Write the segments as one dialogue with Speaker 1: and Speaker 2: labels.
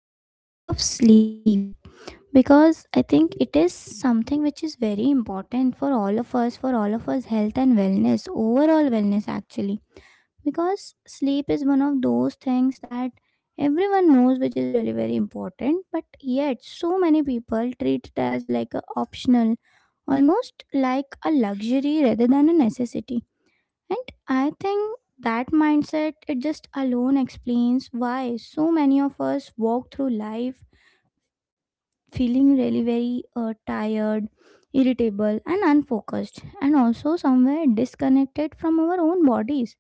Speaker 1: the importance of sleep because I think it is something which is very important for all of us, health and wellness, overall wellness actually. Because sleep is one of those things that everyone knows which is really very important, but yet so many people treat it as like a optional, almost like a luxury rather than a necessity and I think that mindset it just alone explains why so many of us walk through life feeling really very tired, irritable and unfocused and also somewhere disconnected from our own bodies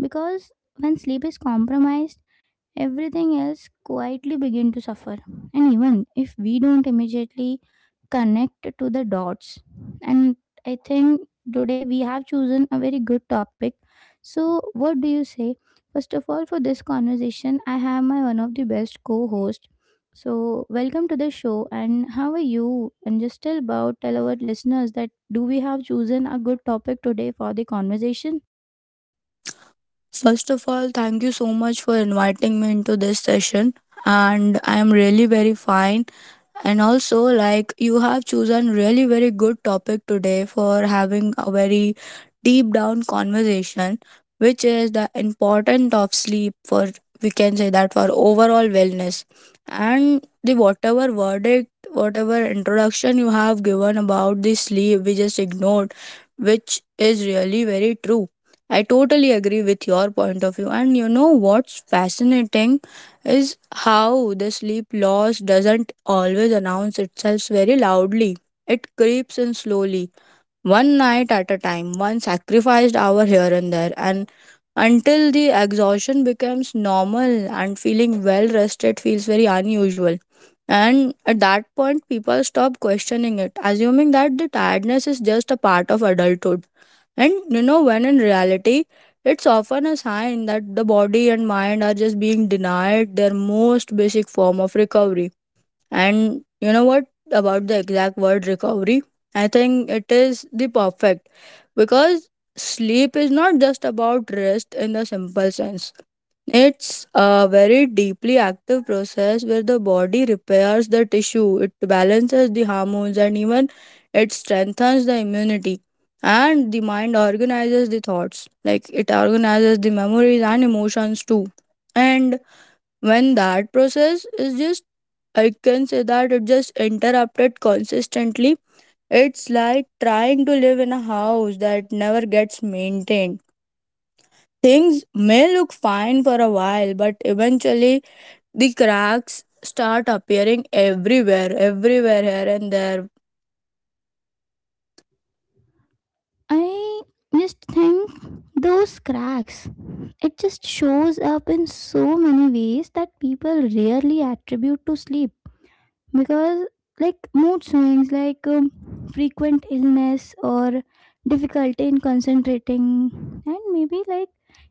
Speaker 1: because when sleep is compromised everything else quietly begin to suffer and even if we don't immediately connect to the dots and I think today we have chosen a very good topic. So what do you say, first of all for this conversation I have my one of the best co-host. So welcome to the show and how are you, and just tell about tell our listeners that do we have chosen a good topic today for the conversation.
Speaker 2: First of all, thank you so much for inviting me into this session. And I am really very fine. And also, like, you have chosen really very good topic today for having a very deep down conversation, which is the importance of sleep for, we can say that, for overall wellness. And the whatever verdict, whatever introduction you have given about the sleep, we just ignored, which is really very true. I totally agree with your point of view. And you know what's fascinating is how the sleep loss doesn't always announce itself very loudly. It creeps in slowly, one night at a time, one sacrificed hour here and there, and until the exhaustion becomes normal and feeling well rested feels very unusual. And at that point, people stop questioning it, assuming that the tiredness is just a part of adulthood and you know, when in reality, it's often a sign that the body and mind are just being denied their most basic form of recovery. And you know what about the exact word recovery? I think it is the perfect because sleep is not just about rest in the simple sense. It's a very deeply active process where the body repairs the tissue, it balances the hormones, and even it strengthens the immunity. And the mind organizes the thoughts, like it organizes the memories and emotions too. And when that process is just, I can say that it just interrupted consistently. It's like trying to live in a house that never gets maintained. Things may look fine for a while, but eventually the cracks start appearing everywhere here and there.
Speaker 1: I just think those cracks it just shows up in so many ways that people rarely attribute to sleep because like mood swings, like frequent illness or difficulty in concentrating and maybe like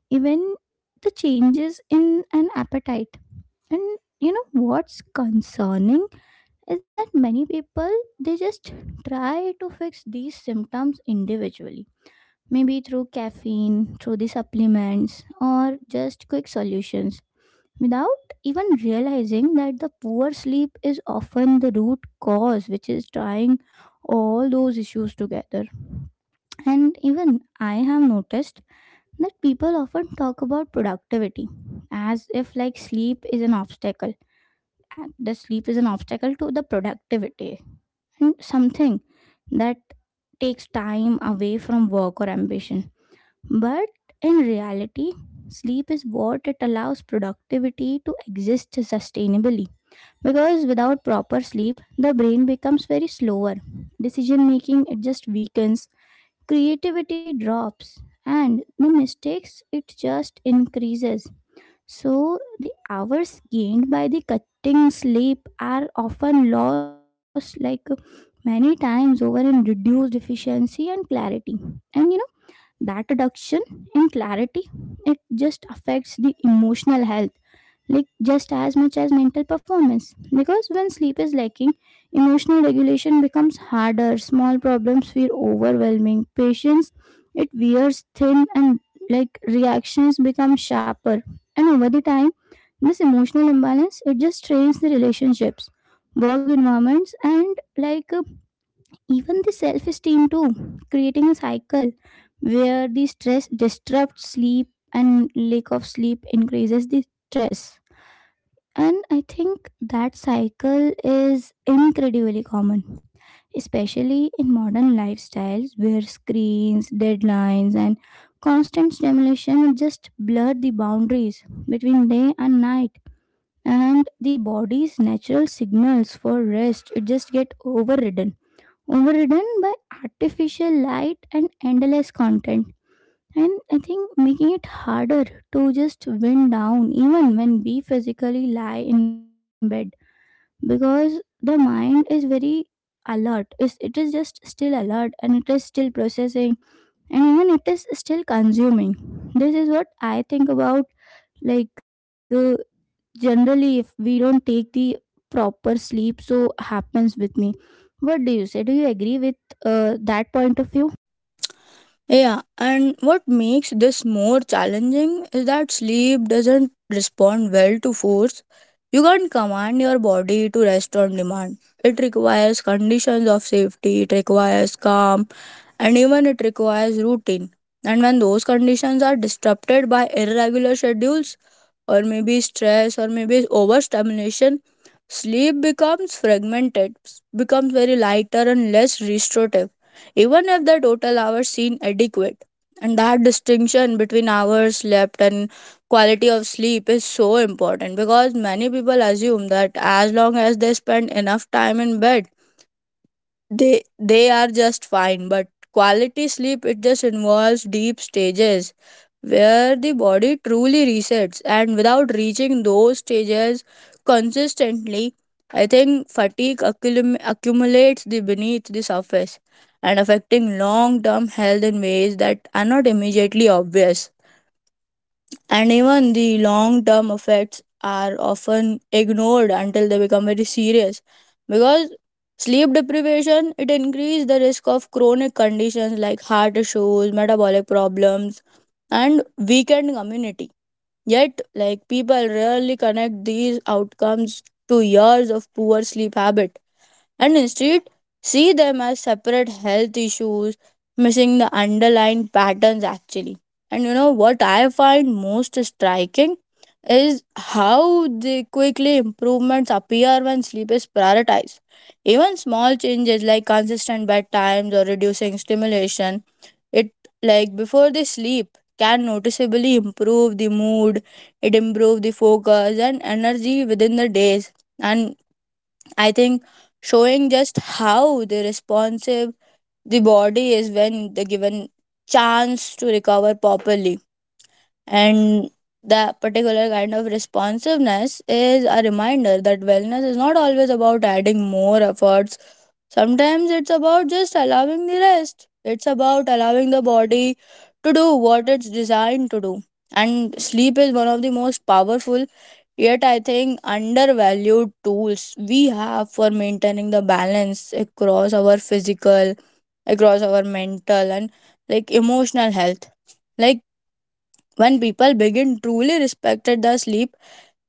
Speaker 1: even the changes in an appetite. And you know what's concerning is that many people they just try to fix these symptoms individually, maybe through caffeine, through the supplements or just quick solutions, without even realizing that the poor sleep is often the root cause which is tying all those issues together. And even I have noticed that people often talk about productivity as if like sleep is an obstacle, and the sleep is an obstacle to the productivity and something that takes time away from work or ambition. But in reality, sleep is what it allows productivity to exist sustainably. Because without proper sleep, the brain becomes very slower. Decision making it just weakens, creativity drops, and the mistakes it just increases. So the hours gained by the cutting sleep are often lost like many times over in reduced efficiency and clarity. And you know that reduction in clarity it just affects the emotional health like just as much as mental performance, because when sleep is lacking emotional regulation becomes harder, small problems feel overwhelming, patience it wears thin and like reactions become sharper. And over the time this emotional imbalance it just strains the relationships, work environments and like even the self esteem too, creating a cycle where the stress disrupts sleep and lack of sleep increases the stress. And I think that cycle is incredibly common, especially in modern lifestyles where screens, deadlines, and constant stimulation just blur the boundaries between day and night. And the body's natural signals for rest just get overridden by artificial light and endless content. And I think making it harder to just wind down even when we physically lie in bed, because the mind is very alert. It is just still alert and it is still processing and even it is still consuming. This is what I think about, like generally if we don't take the proper sleep, so happens with me. What do you say, do you agree with that point of view?
Speaker 2: Yeah, and what makes this more challenging is that sleep doesn't respond well to force. You can't command your body to rest on demand. It requires conditions of safety, it requires calm, and even it requires routine. And when those conditions are disrupted by irregular schedules or maybe stress or maybe overstimulation, sleep becomes fragmented, becomes very lighter and less restorative, even if the total hours seem adequate. And that distinction between hours slept and quality of sleep is so important, because many people assume that as long as they spend enough time in bed, they are just fine, but quality sleep it just involves deep stages where the body truly resets, and without reaching those stages consistently, I think fatigue accumulates the beneath the surface and affecting long-term health in ways that are not immediately obvious. And even the long term effects are often ignored until they become very serious, because sleep deprivation it increases the risk of chronic conditions like heart issues, metabolic problems, and weakened immunity, yet like people rarely connect these outcomes to years of poor sleep habit, and instead see them as separate health issues, missing the underlying patterns actually. And you know what I find most striking is how the quickly improvements appear when sleep is prioritized. Even small changes like consistent bedtimes or reducing stimulation, it like before they sleep can noticeably improve the mood, it improve the focus and energy within the days, and I think showing just how the responsive the body is when the given chance to recover properly. And that particular kind of responsiveness is a reminder that wellness is not always about adding more efforts. Sometimes it's about just allowing the rest, it's about allowing the body to do what it's designed to do. And sleep is one of the most powerful, yet, I think, undervalued tools we have for maintaining the balance across our physical, across our mental, and like emotional health. Like when people begin truly respected the sleep,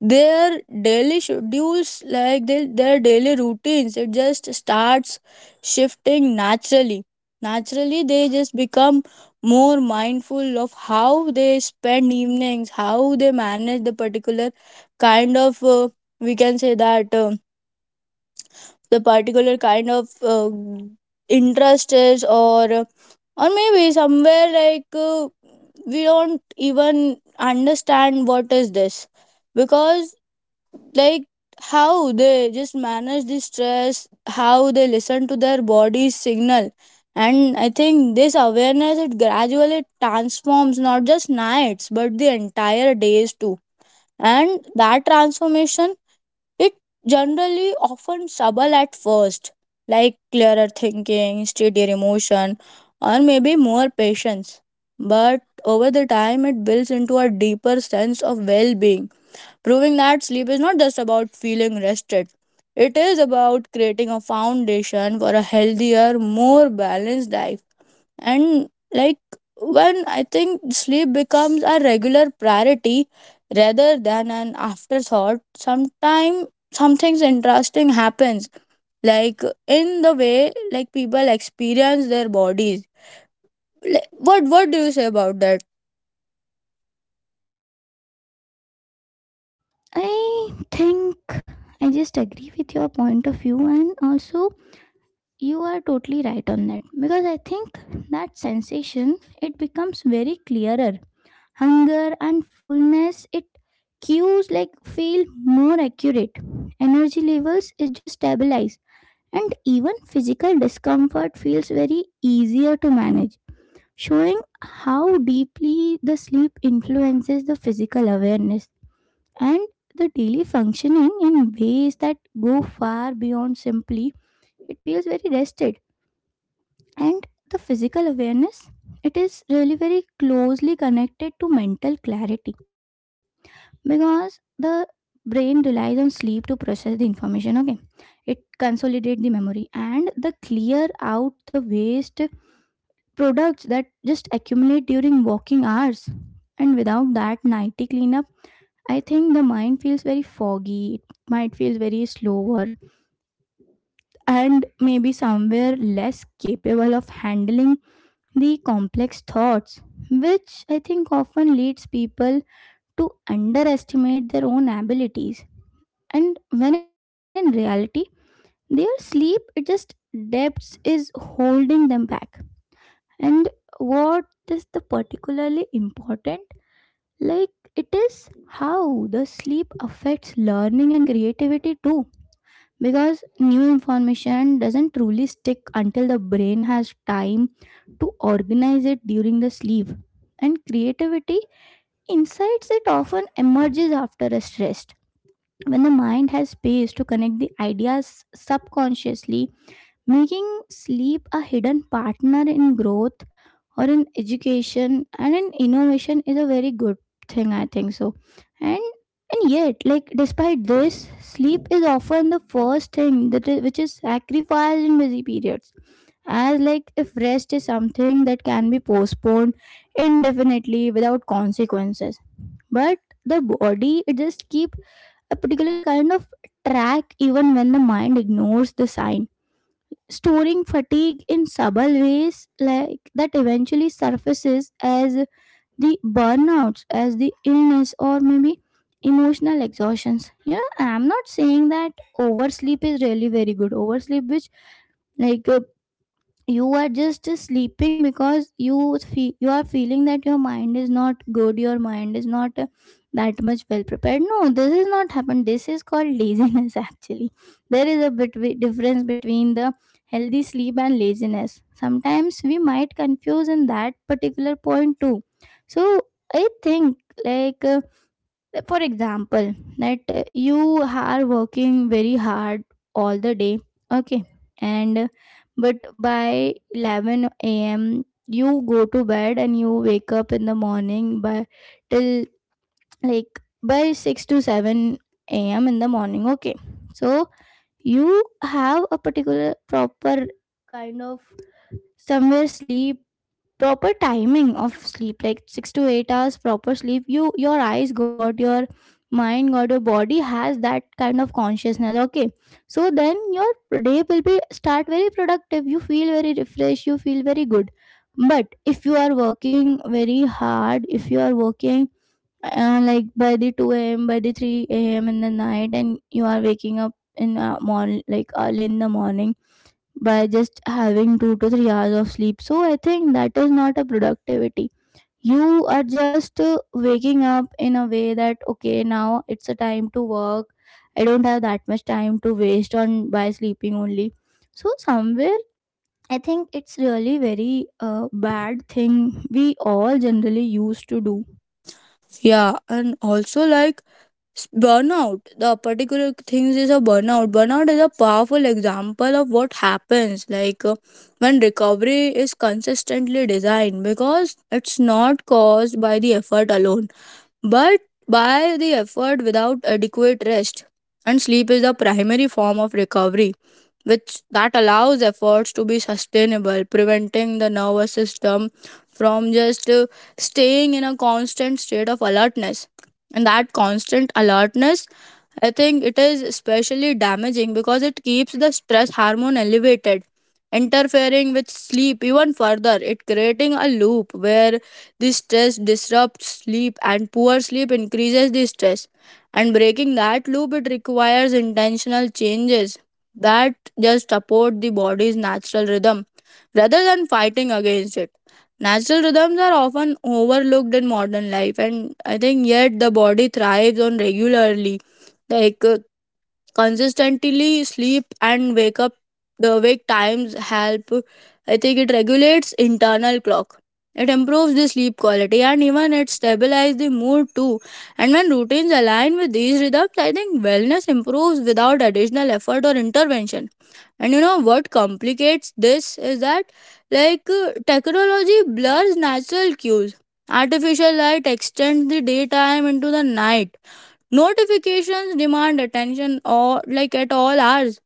Speaker 2: their daily schedules like their daily routines it just starts shifting naturally. They just become more mindful of how they spend evenings, how they manage the particular kind of we can say that the particular kind of interest is or maybe somewhere like we don't even understand what is this, because like how they just manage the stress, how they listen to their body's signal. And I think this awareness it gradually transforms not just nights but the entire days too. And that transformation, it generally often subtle at first, like clearer thinking, steadier emotion, or maybe more patience, but over the time it builds into a deeper sense of well-being, proving that sleep is not just about feeling rested, it is about creating a foundation for a healthier, more balanced life. And like when I think sleep becomes a regular priority rather than an afterthought, sometime something interesting happens, like in the way like people experience their bodies. Like, what do you say about that?
Speaker 1: I think I just agree with your point of view, and also you are totally right on that because I think that sensation it becomes very clearer. Hunger and fullness it cues like feel more accurate. Energy levels it just stabilize and even physical discomfort feels very easier to manage, showing how deeply the sleep influences the physical awareness and the daily functioning in ways that go far beyond simply it feels very rested. And the physical awareness it is really very closely connected to mental clarity, because the brain relies on sleep to process the information, okay, it consolidates the memory and the clear out the waste products that just accumulate during working hours. And without that nighty cleanup, I think the mind feels very foggy, it might feel very slower and maybe somewhere less capable of handling the complex thoughts, which I think often leads people to underestimate their own abilities. And when in reality, their sleep it just depths is holding them back. And what is the particularly important, like it is how the sleep affects learning and creativity too, because new information doesn't truly stick until the brain has time to organize it during the sleep. And creativity insights it often emerges after a stress, when the mind has space to connect the ideas subconsciously, making sleep a hidden partner in growth or in education and in innovation is a very good thing, I think so. And and yet, like despite this, sleep is often the first thing that is, which is sacrificed in busy periods. As like if rest is something that can be postponed indefinitely without consequences, but the body it just keep a particular kind of track even when the mind ignores the sign, storing fatigue in subtle ways like that eventually surfaces as the burnouts, as the illness or maybe emotional exhaustions. You know, I'm not saying that oversleep is really very good, oversleep which like you are just sleeping because you feel, you are feeling that your mind is not good, your mind is not that much well prepared. No, this is not happened, this is called laziness actually. There is a bit difference between the healthy sleep and laziness, sometimes we might confuse in that particular point too. So I think, like for example that you are working very hard all the day, okay, and but by 11 a.m. you go to bed and you wake up in the morning by till like by 6 to 7 a.m. in the morning, okay. So you have a particular proper kind of somewhere sleep, proper timing of sleep like 6 to 8 hours proper sleep, you, your eyes got, your mind got, your body has that kind of consciousness, okay. So then your day will be start very productive, you feel very refreshed, you feel very good. But if you are working very hard, if you are working like by the 2 a.m., by the 3 a.m. in the night and you are waking up in morning, like early in the morning, by just having 2 to 3 hours of sleep. So I think that is not a productivity. You are just waking up in a way that, okay, now it's a time to work. I don't have that much time to waste on by sleeping only. So somewhere I think it's really very bad thing we all generally used to do.
Speaker 2: Yeah, and also like burnout the particular things is a burnout. Burnout is a powerful example of what happens like when recovery is consistently designed, because it's not caused by the effort alone but by the effort without adequate rest. And sleep is the primary form of recovery, which that allows efforts to be sustainable, preventing the nervous system from just staying in a constant state of alertness. And that constant alertness, I think it is especially damaging because it keeps the stress hormone elevated, interfering with sleep even further. It creating a loop where the stress disrupts sleep and poor sleep increases the stress. And breaking that loop it requires intentional changes that just support the body's natural rhythm rather than fighting against it. Natural rhythms are often overlooked in modern life, and I think yet the body thrives on regularly, like consistently sleep and wake up. The wake times help, I think it regulates internal clock, it improves the sleep quality, and even it stabilizes the mood too. And when routines align with these rhythms, I think wellness improves without additional effort or intervention. And you know what complicates this is that like technology blurs natural cues, artificial light extends the daytime into the night, notifications demand attention or like at all hours,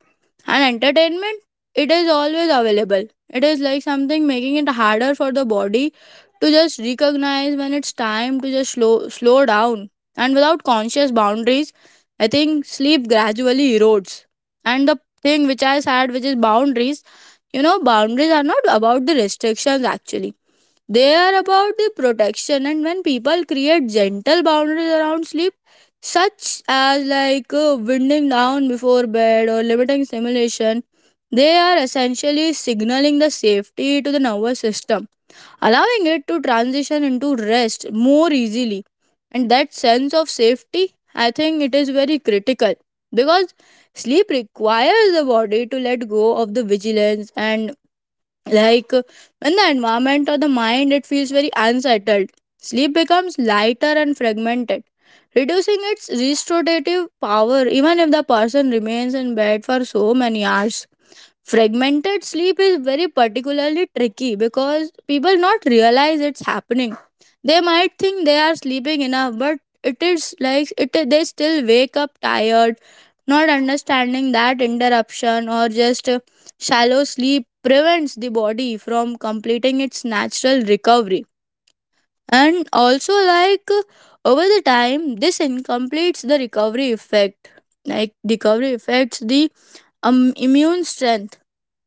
Speaker 2: and entertainment it is always available. It is like something making it harder for the body to just recognize when it's time to just slow down. And without conscious boundaries, I think sleep gradually erodes. And the thing which I said which is boundaries, you know, boundaries are not about the restrictions actually, they are about the protection, and when people create gentle boundaries around sleep, such as like winding down before bed or limiting stimulation, they are essentially signaling the safety to the nervous system, allowing it to transition into rest more easily. And that sense of safety, I think it is very critical, because sleep requires the body to let go of the vigilance, and like when the environment or the mind it feels very unsettled, sleep becomes lighter and fragmented, reducing its restorative power even if the person remains in bed for so many hours. Fragmented sleep is very particularly tricky because people not realize it's happening. They might think they are sleeping enough, but it is like it they still wake up tired, not understanding that interruption or just shallow sleep prevents the body from completing its natural recovery. And also like over the time this incompletes the recovery effect. Like recovery affects the immune strength,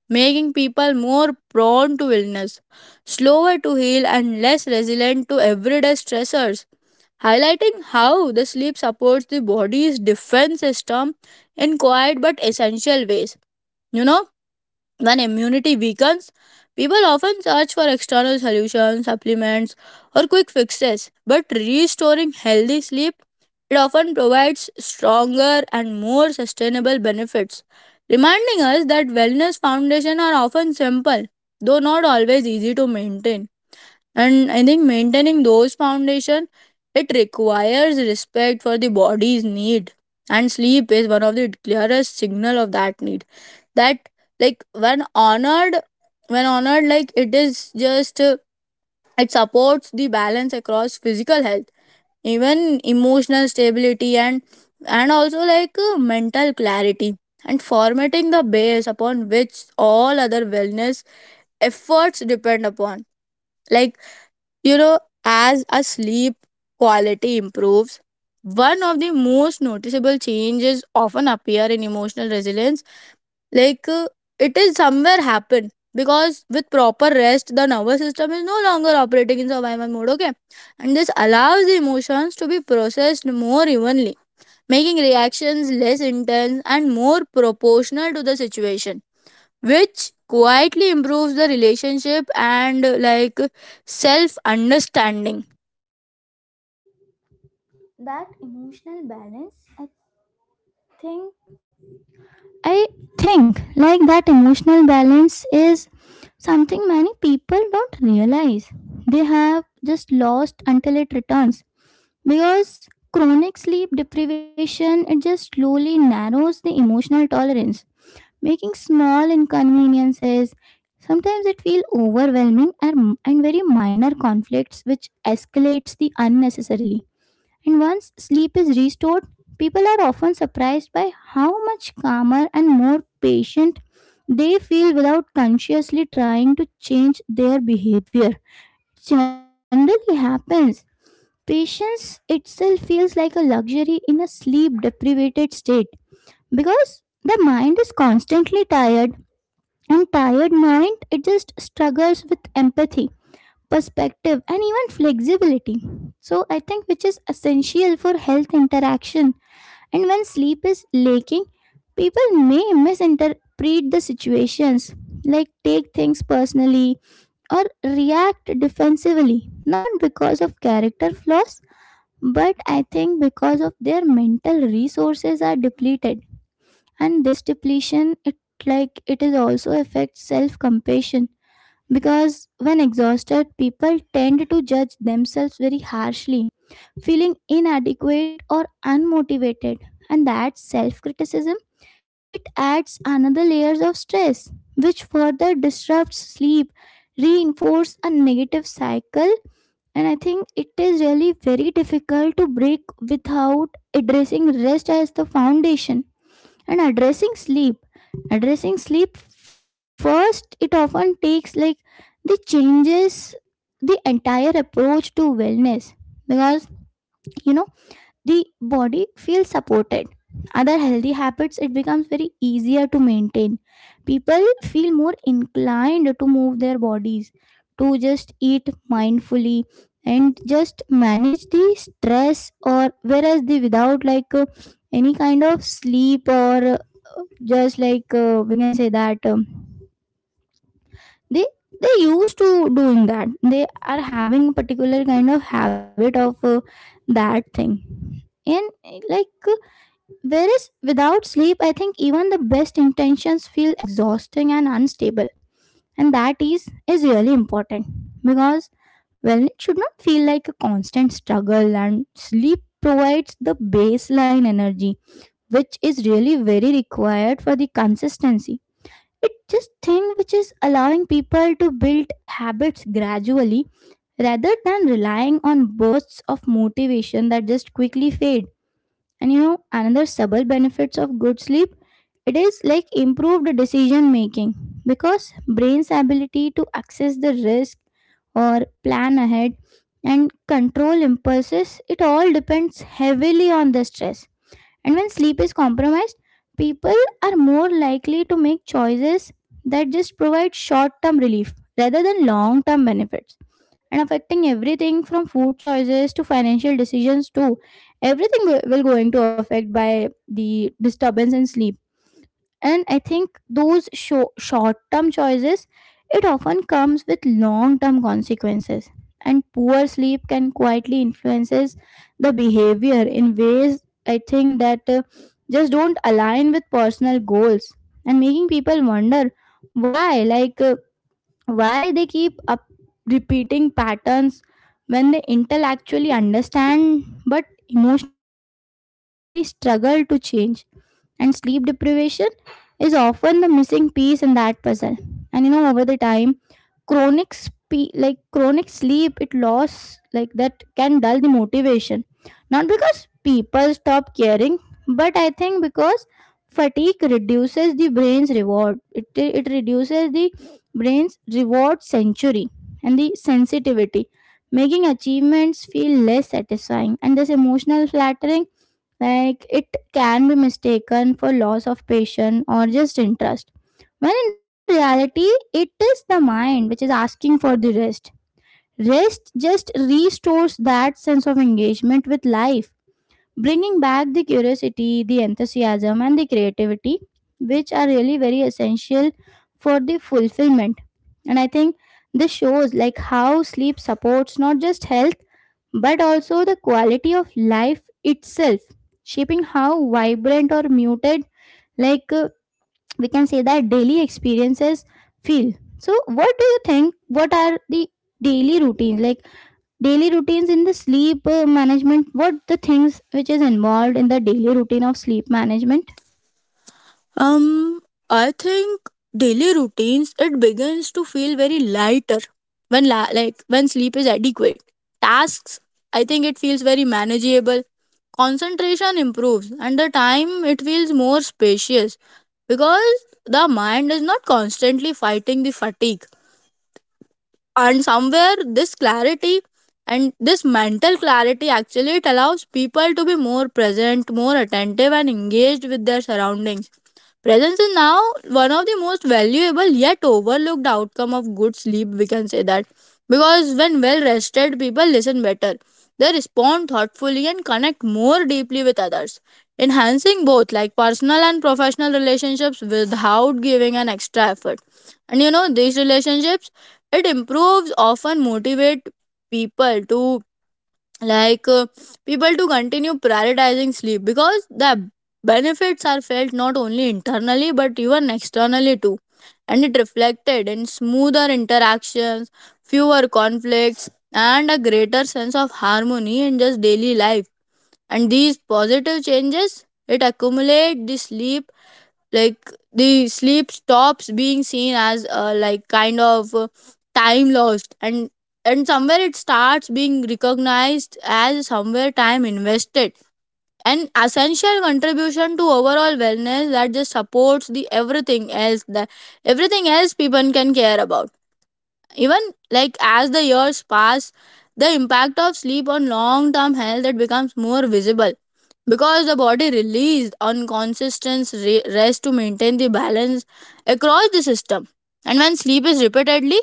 Speaker 2: making people more prone to illness, slower to heal, and less resilient to everyday stressors, highlighting how the sleep supports the body's defense system in quiet but essential ways. You know, when immunity weakens, people often search for external solutions, supplements, or quick fixes. But restoring healthy sleep, it often provides stronger and more sustainable benefits, reminding us that wellness foundations are often simple, though not always easy to maintain. And I think maintaining those foundations, it requires respect for the body's need, and sleep is one of the clearest signal of that need that like when honored, like it is just it supports the balance across physical health, even emotional stability, and also like mental clarity, and formatting the base upon which all other wellness efforts depend upon. Like, you know, as a sleep quality improves, one of the most noticeable changes often appear in emotional resilience, like it is somewhere happen, because with proper rest the nervous system is no longer operating in survival mode, okay. And this allows the emotions to be processed more evenly, making reactions less intense and more proportional to the situation, which quietly improves the relationship and like self understanding.
Speaker 1: That emotional balance, think I think like that emotional balance is something many people don't realize. They have just lost until it returns, because chronic sleep deprivation it just slowly narrows the emotional tolerance, making small inconveniences. Sometimes it feel overwhelming, and very minor conflicts which escalates the unnecessarily. And once sleep is restored, people are often surprised by how much calmer and more patient they feel without consciously trying to change their behavior. Generally happens. Patience itself feels like a luxury in a sleep deprived state, because the mind is constantly tired and tired mind it just struggles with empathy, perspective and even flexibility. So I think, which is essential for health interaction, and when sleep is lacking people may misinterpret the situations, like take things personally or react defensively, not because of character flaws but I think because of their mental resources are depleted. And this depletion it, like it is also affects self compassion, because when exhausted, people tend to judge themselves very harshly, feeling inadequate or unmotivated. And that self criticism, it adds another layers of stress, which further disrupts sleep, reinforce a negative cycle. And I think it is really very difficult to break without addressing rest as the foundation and addressing sleep. Addressing sleep first, it often takes like the changes the entire approach to wellness, because you know the body feels supported, other healthy habits it becomes very easier to maintain, people feel more inclined to move their bodies, to just eat mindfully and just manage the stress. Or whereas the without like any kind of sleep or just like we can say that they they used to doing that, they are having a particular kind of habit of that thing and like whereas without sleep I think even the best intentions feel exhausting and unstable. And that is really important because, well, it should not feel like a constant struggle and sleep provides the baseline energy which is really very required for the consistency. It just thing which is allowing people to build habits gradually rather than relying on bursts of motivation that just quickly fade. And you know, another subtle benefits of good sleep, it is like improved decision making, because brain's ability to access the risk or plan ahead and control impulses, it all depends heavily on the stress. And when sleep is compromised, people are more likely to make choices that just provide short term relief rather than long term benefits. And affecting everything from food choices to financial decisions, too. Everything will going to affect by the disturbance in sleep, and I think those short term choices, it often comes with long term consequences, and poor sleep can quietly influences the behavior in ways, I think that just don't align with personal goals, and making people wonder why, why they keep up repeating patterns when they intellectually understand but emotionally struggle to change. And sleep deprivation is often the missing piece in that puzzle. And you know, over the time, chronic sleep it loss, like that can dull the motivation, not because people stop caring but I think because fatigue reduces the brain's reward it, it reduces the brain's reward century and the sensitivity, making achievements feel less satisfying. And this emotional flattering, like it can be mistaken for loss of patience or just interest. When in reality, it is the mind which is asking for the rest. Rest just restores that sense of engagement with life, bringing back the curiosity, the enthusiasm, and the creativity, which are really very essential for the fulfillment. And I think this shows like how sleep supports not just health but also the quality of life itself, shaping how vibrant or muted, like uh, we can say that daily experiences feel. So what do you think? What are the daily routines, like daily routines in the sleep management? What the things which is involved in the daily routine of sleep management?
Speaker 2: Um, I think daily routines it begins to feel very lighter when like when sleep is adequate. Tasks, I think it feels very manageable. Concentration improves, and the time it feels more spacious because the mind is not constantly fighting the fatigue. And somewhere this clarity and this mental clarity actually it allows people to be more present, more attentive, and engaged with their surroundings. Presence is now one of the most valuable yet overlooked outcome of good sleep, we can say that. Because when well rested, people listen better. They respond thoughtfully and connect more deeply with others, enhancing both like personal and professional relationships without giving an extra effort. And you know, these relationships, it improves often motivate people to like people to continue prioritizing sleep because the benefits are felt not only internally but even externally too, and it reflected in smoother interactions, fewer conflicts, and a greater sense of harmony in just daily life. And these positive changes it accumulate the sleep, like the sleep stops being seen as like kind of time lost, and somewhere it starts being recognized as somewhere time invested, an essential contribution to overall wellness that just supports the everything else, that everything else people can care about. Even like as the years pass, the impact of sleep on long term health it becomes more visible, because the body releases unconsistent rest to maintain the balance across the system. And when sleep is repeatedly,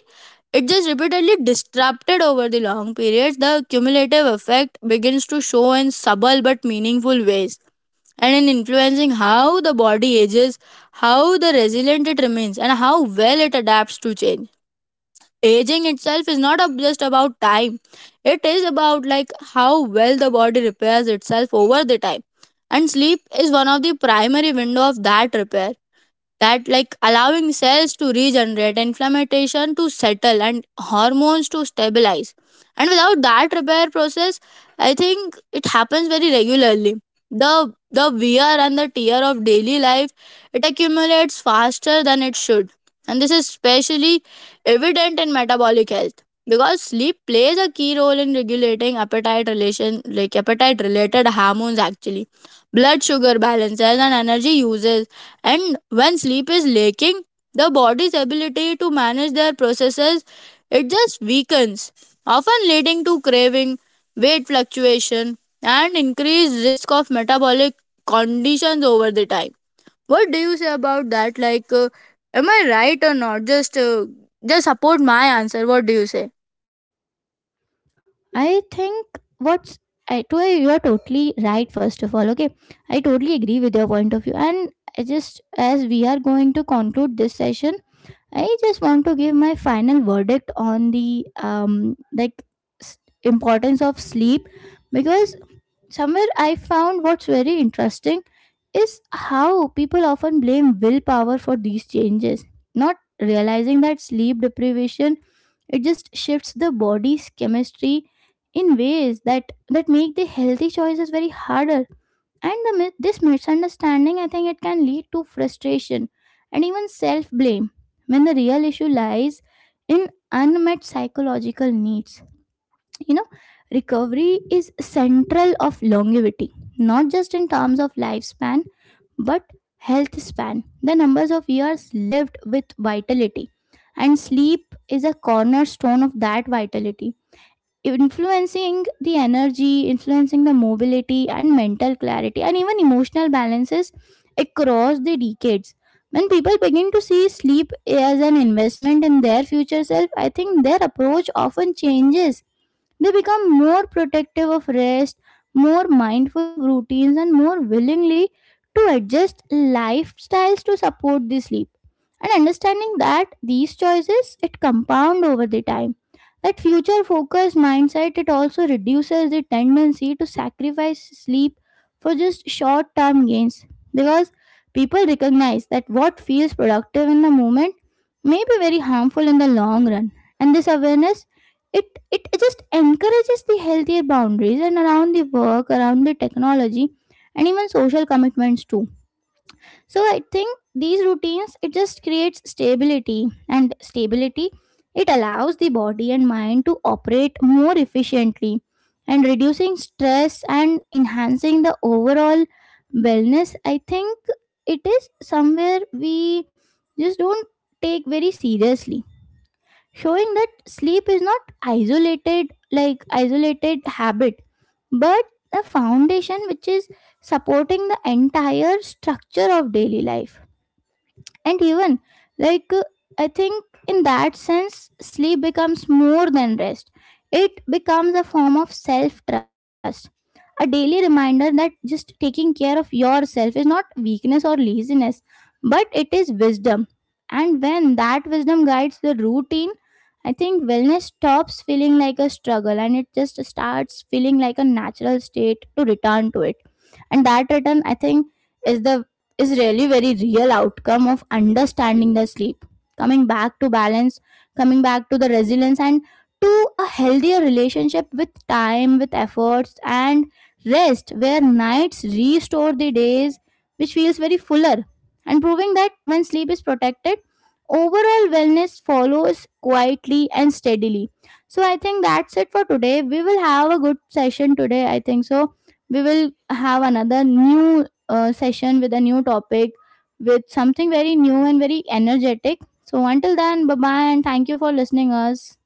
Speaker 2: it just repeatedly disrupted over the long periods, the cumulative effect begins to show in subtle but meaningful ways, and in influencing how the body ages, how the resilient it remains, and how well it adapts to change. Aging itself is not just about time, it is about like how well the body repairs itself over the time. And sleep is one of the primary window of that repair, that like allowing cells to regenerate, inflammation to settle, and hormones to stabilize. And without that repair process, I think it happens very regularly. The wear and the tear of daily life it accumulates faster than it should. And this is especially evident in metabolic health, because sleep plays a key role in regulating appetite relation, like appetite related hormones actually, blood sugar balances and energy uses. And when sleep is lacking, the body's ability to manage their processes it just weakens, often leading to craving, weight fluctuation, and increased risk of metabolic conditions over the time. What do you say about that? Like, am I right or not? Just support my answer. What do you say?
Speaker 1: I think what's I to you are totally right, first of all. Okay, I totally agree with your point of view. And I just, as we are going to conclude this session, I just want to give my final verdict on the importance of sleep, because somewhere I found what's very interesting is how people often blame willpower for these changes, not realizing that sleep deprivation, it just shifts the body's chemistry in ways that make the healthy choices very harder. And this misunderstanding, I think, it can lead to frustration and even self blame when the real issue lies in unmet psychological needs. You know, recovery is central of longevity, not just in terms of lifespan but health span, the numbers of years lived with vitality. And sleep is a cornerstone of that vitality, influencing the energy, influencing the mobility and mental clarity and even emotional balances across the decades. When people begin to see sleep as an investment in their future self, I think their approach often changes. They become more protective of rest, more mindful of routines, and more willingly to adjust lifestyles to support the sleep. And understanding that these choices it compound over the time. That future focused mindset, it also reduces the tendency to sacrifice sleep for just short term gains, because people recognize that what feels productive in the moment may be very harmful in the long run. And this awareness, it it just encourages the healthier boundaries and around the work, around the technology, and even social commitments too. So I think these routines, it just creates stability, and stability, it allows the body and mind to operate more efficiently, and reducing stress and enhancing the overall wellness. I think it is somewhere we just don't take very seriously, showing that sleep is not isolated, like isolated habit, but a foundation which is supporting the entire structure of daily life. And even like uh, I think in that sense sleep becomes more than rest. It becomes a form of self trust, a daily reminder that just taking care of yourself is not weakness or laziness, but it is wisdom. And when that wisdom guides the routine, I think wellness stops feeling like a struggle and it just starts feeling like a natural state to return to it. And that return, I think, is the is really very real outcome of understanding the sleep, coming back to balance, coming back to the resilience and to a healthier relationship with time, with efforts and rest, where nights restore the days which feels very fuller, and proving that when sleep is protected, overall wellness follows quietly and steadily. So I think that's it for today. We will have a good session today, I think so. We will have another new session with a new topic, with something very new and very energetic. So until then, bye bye, and thank you for listening us.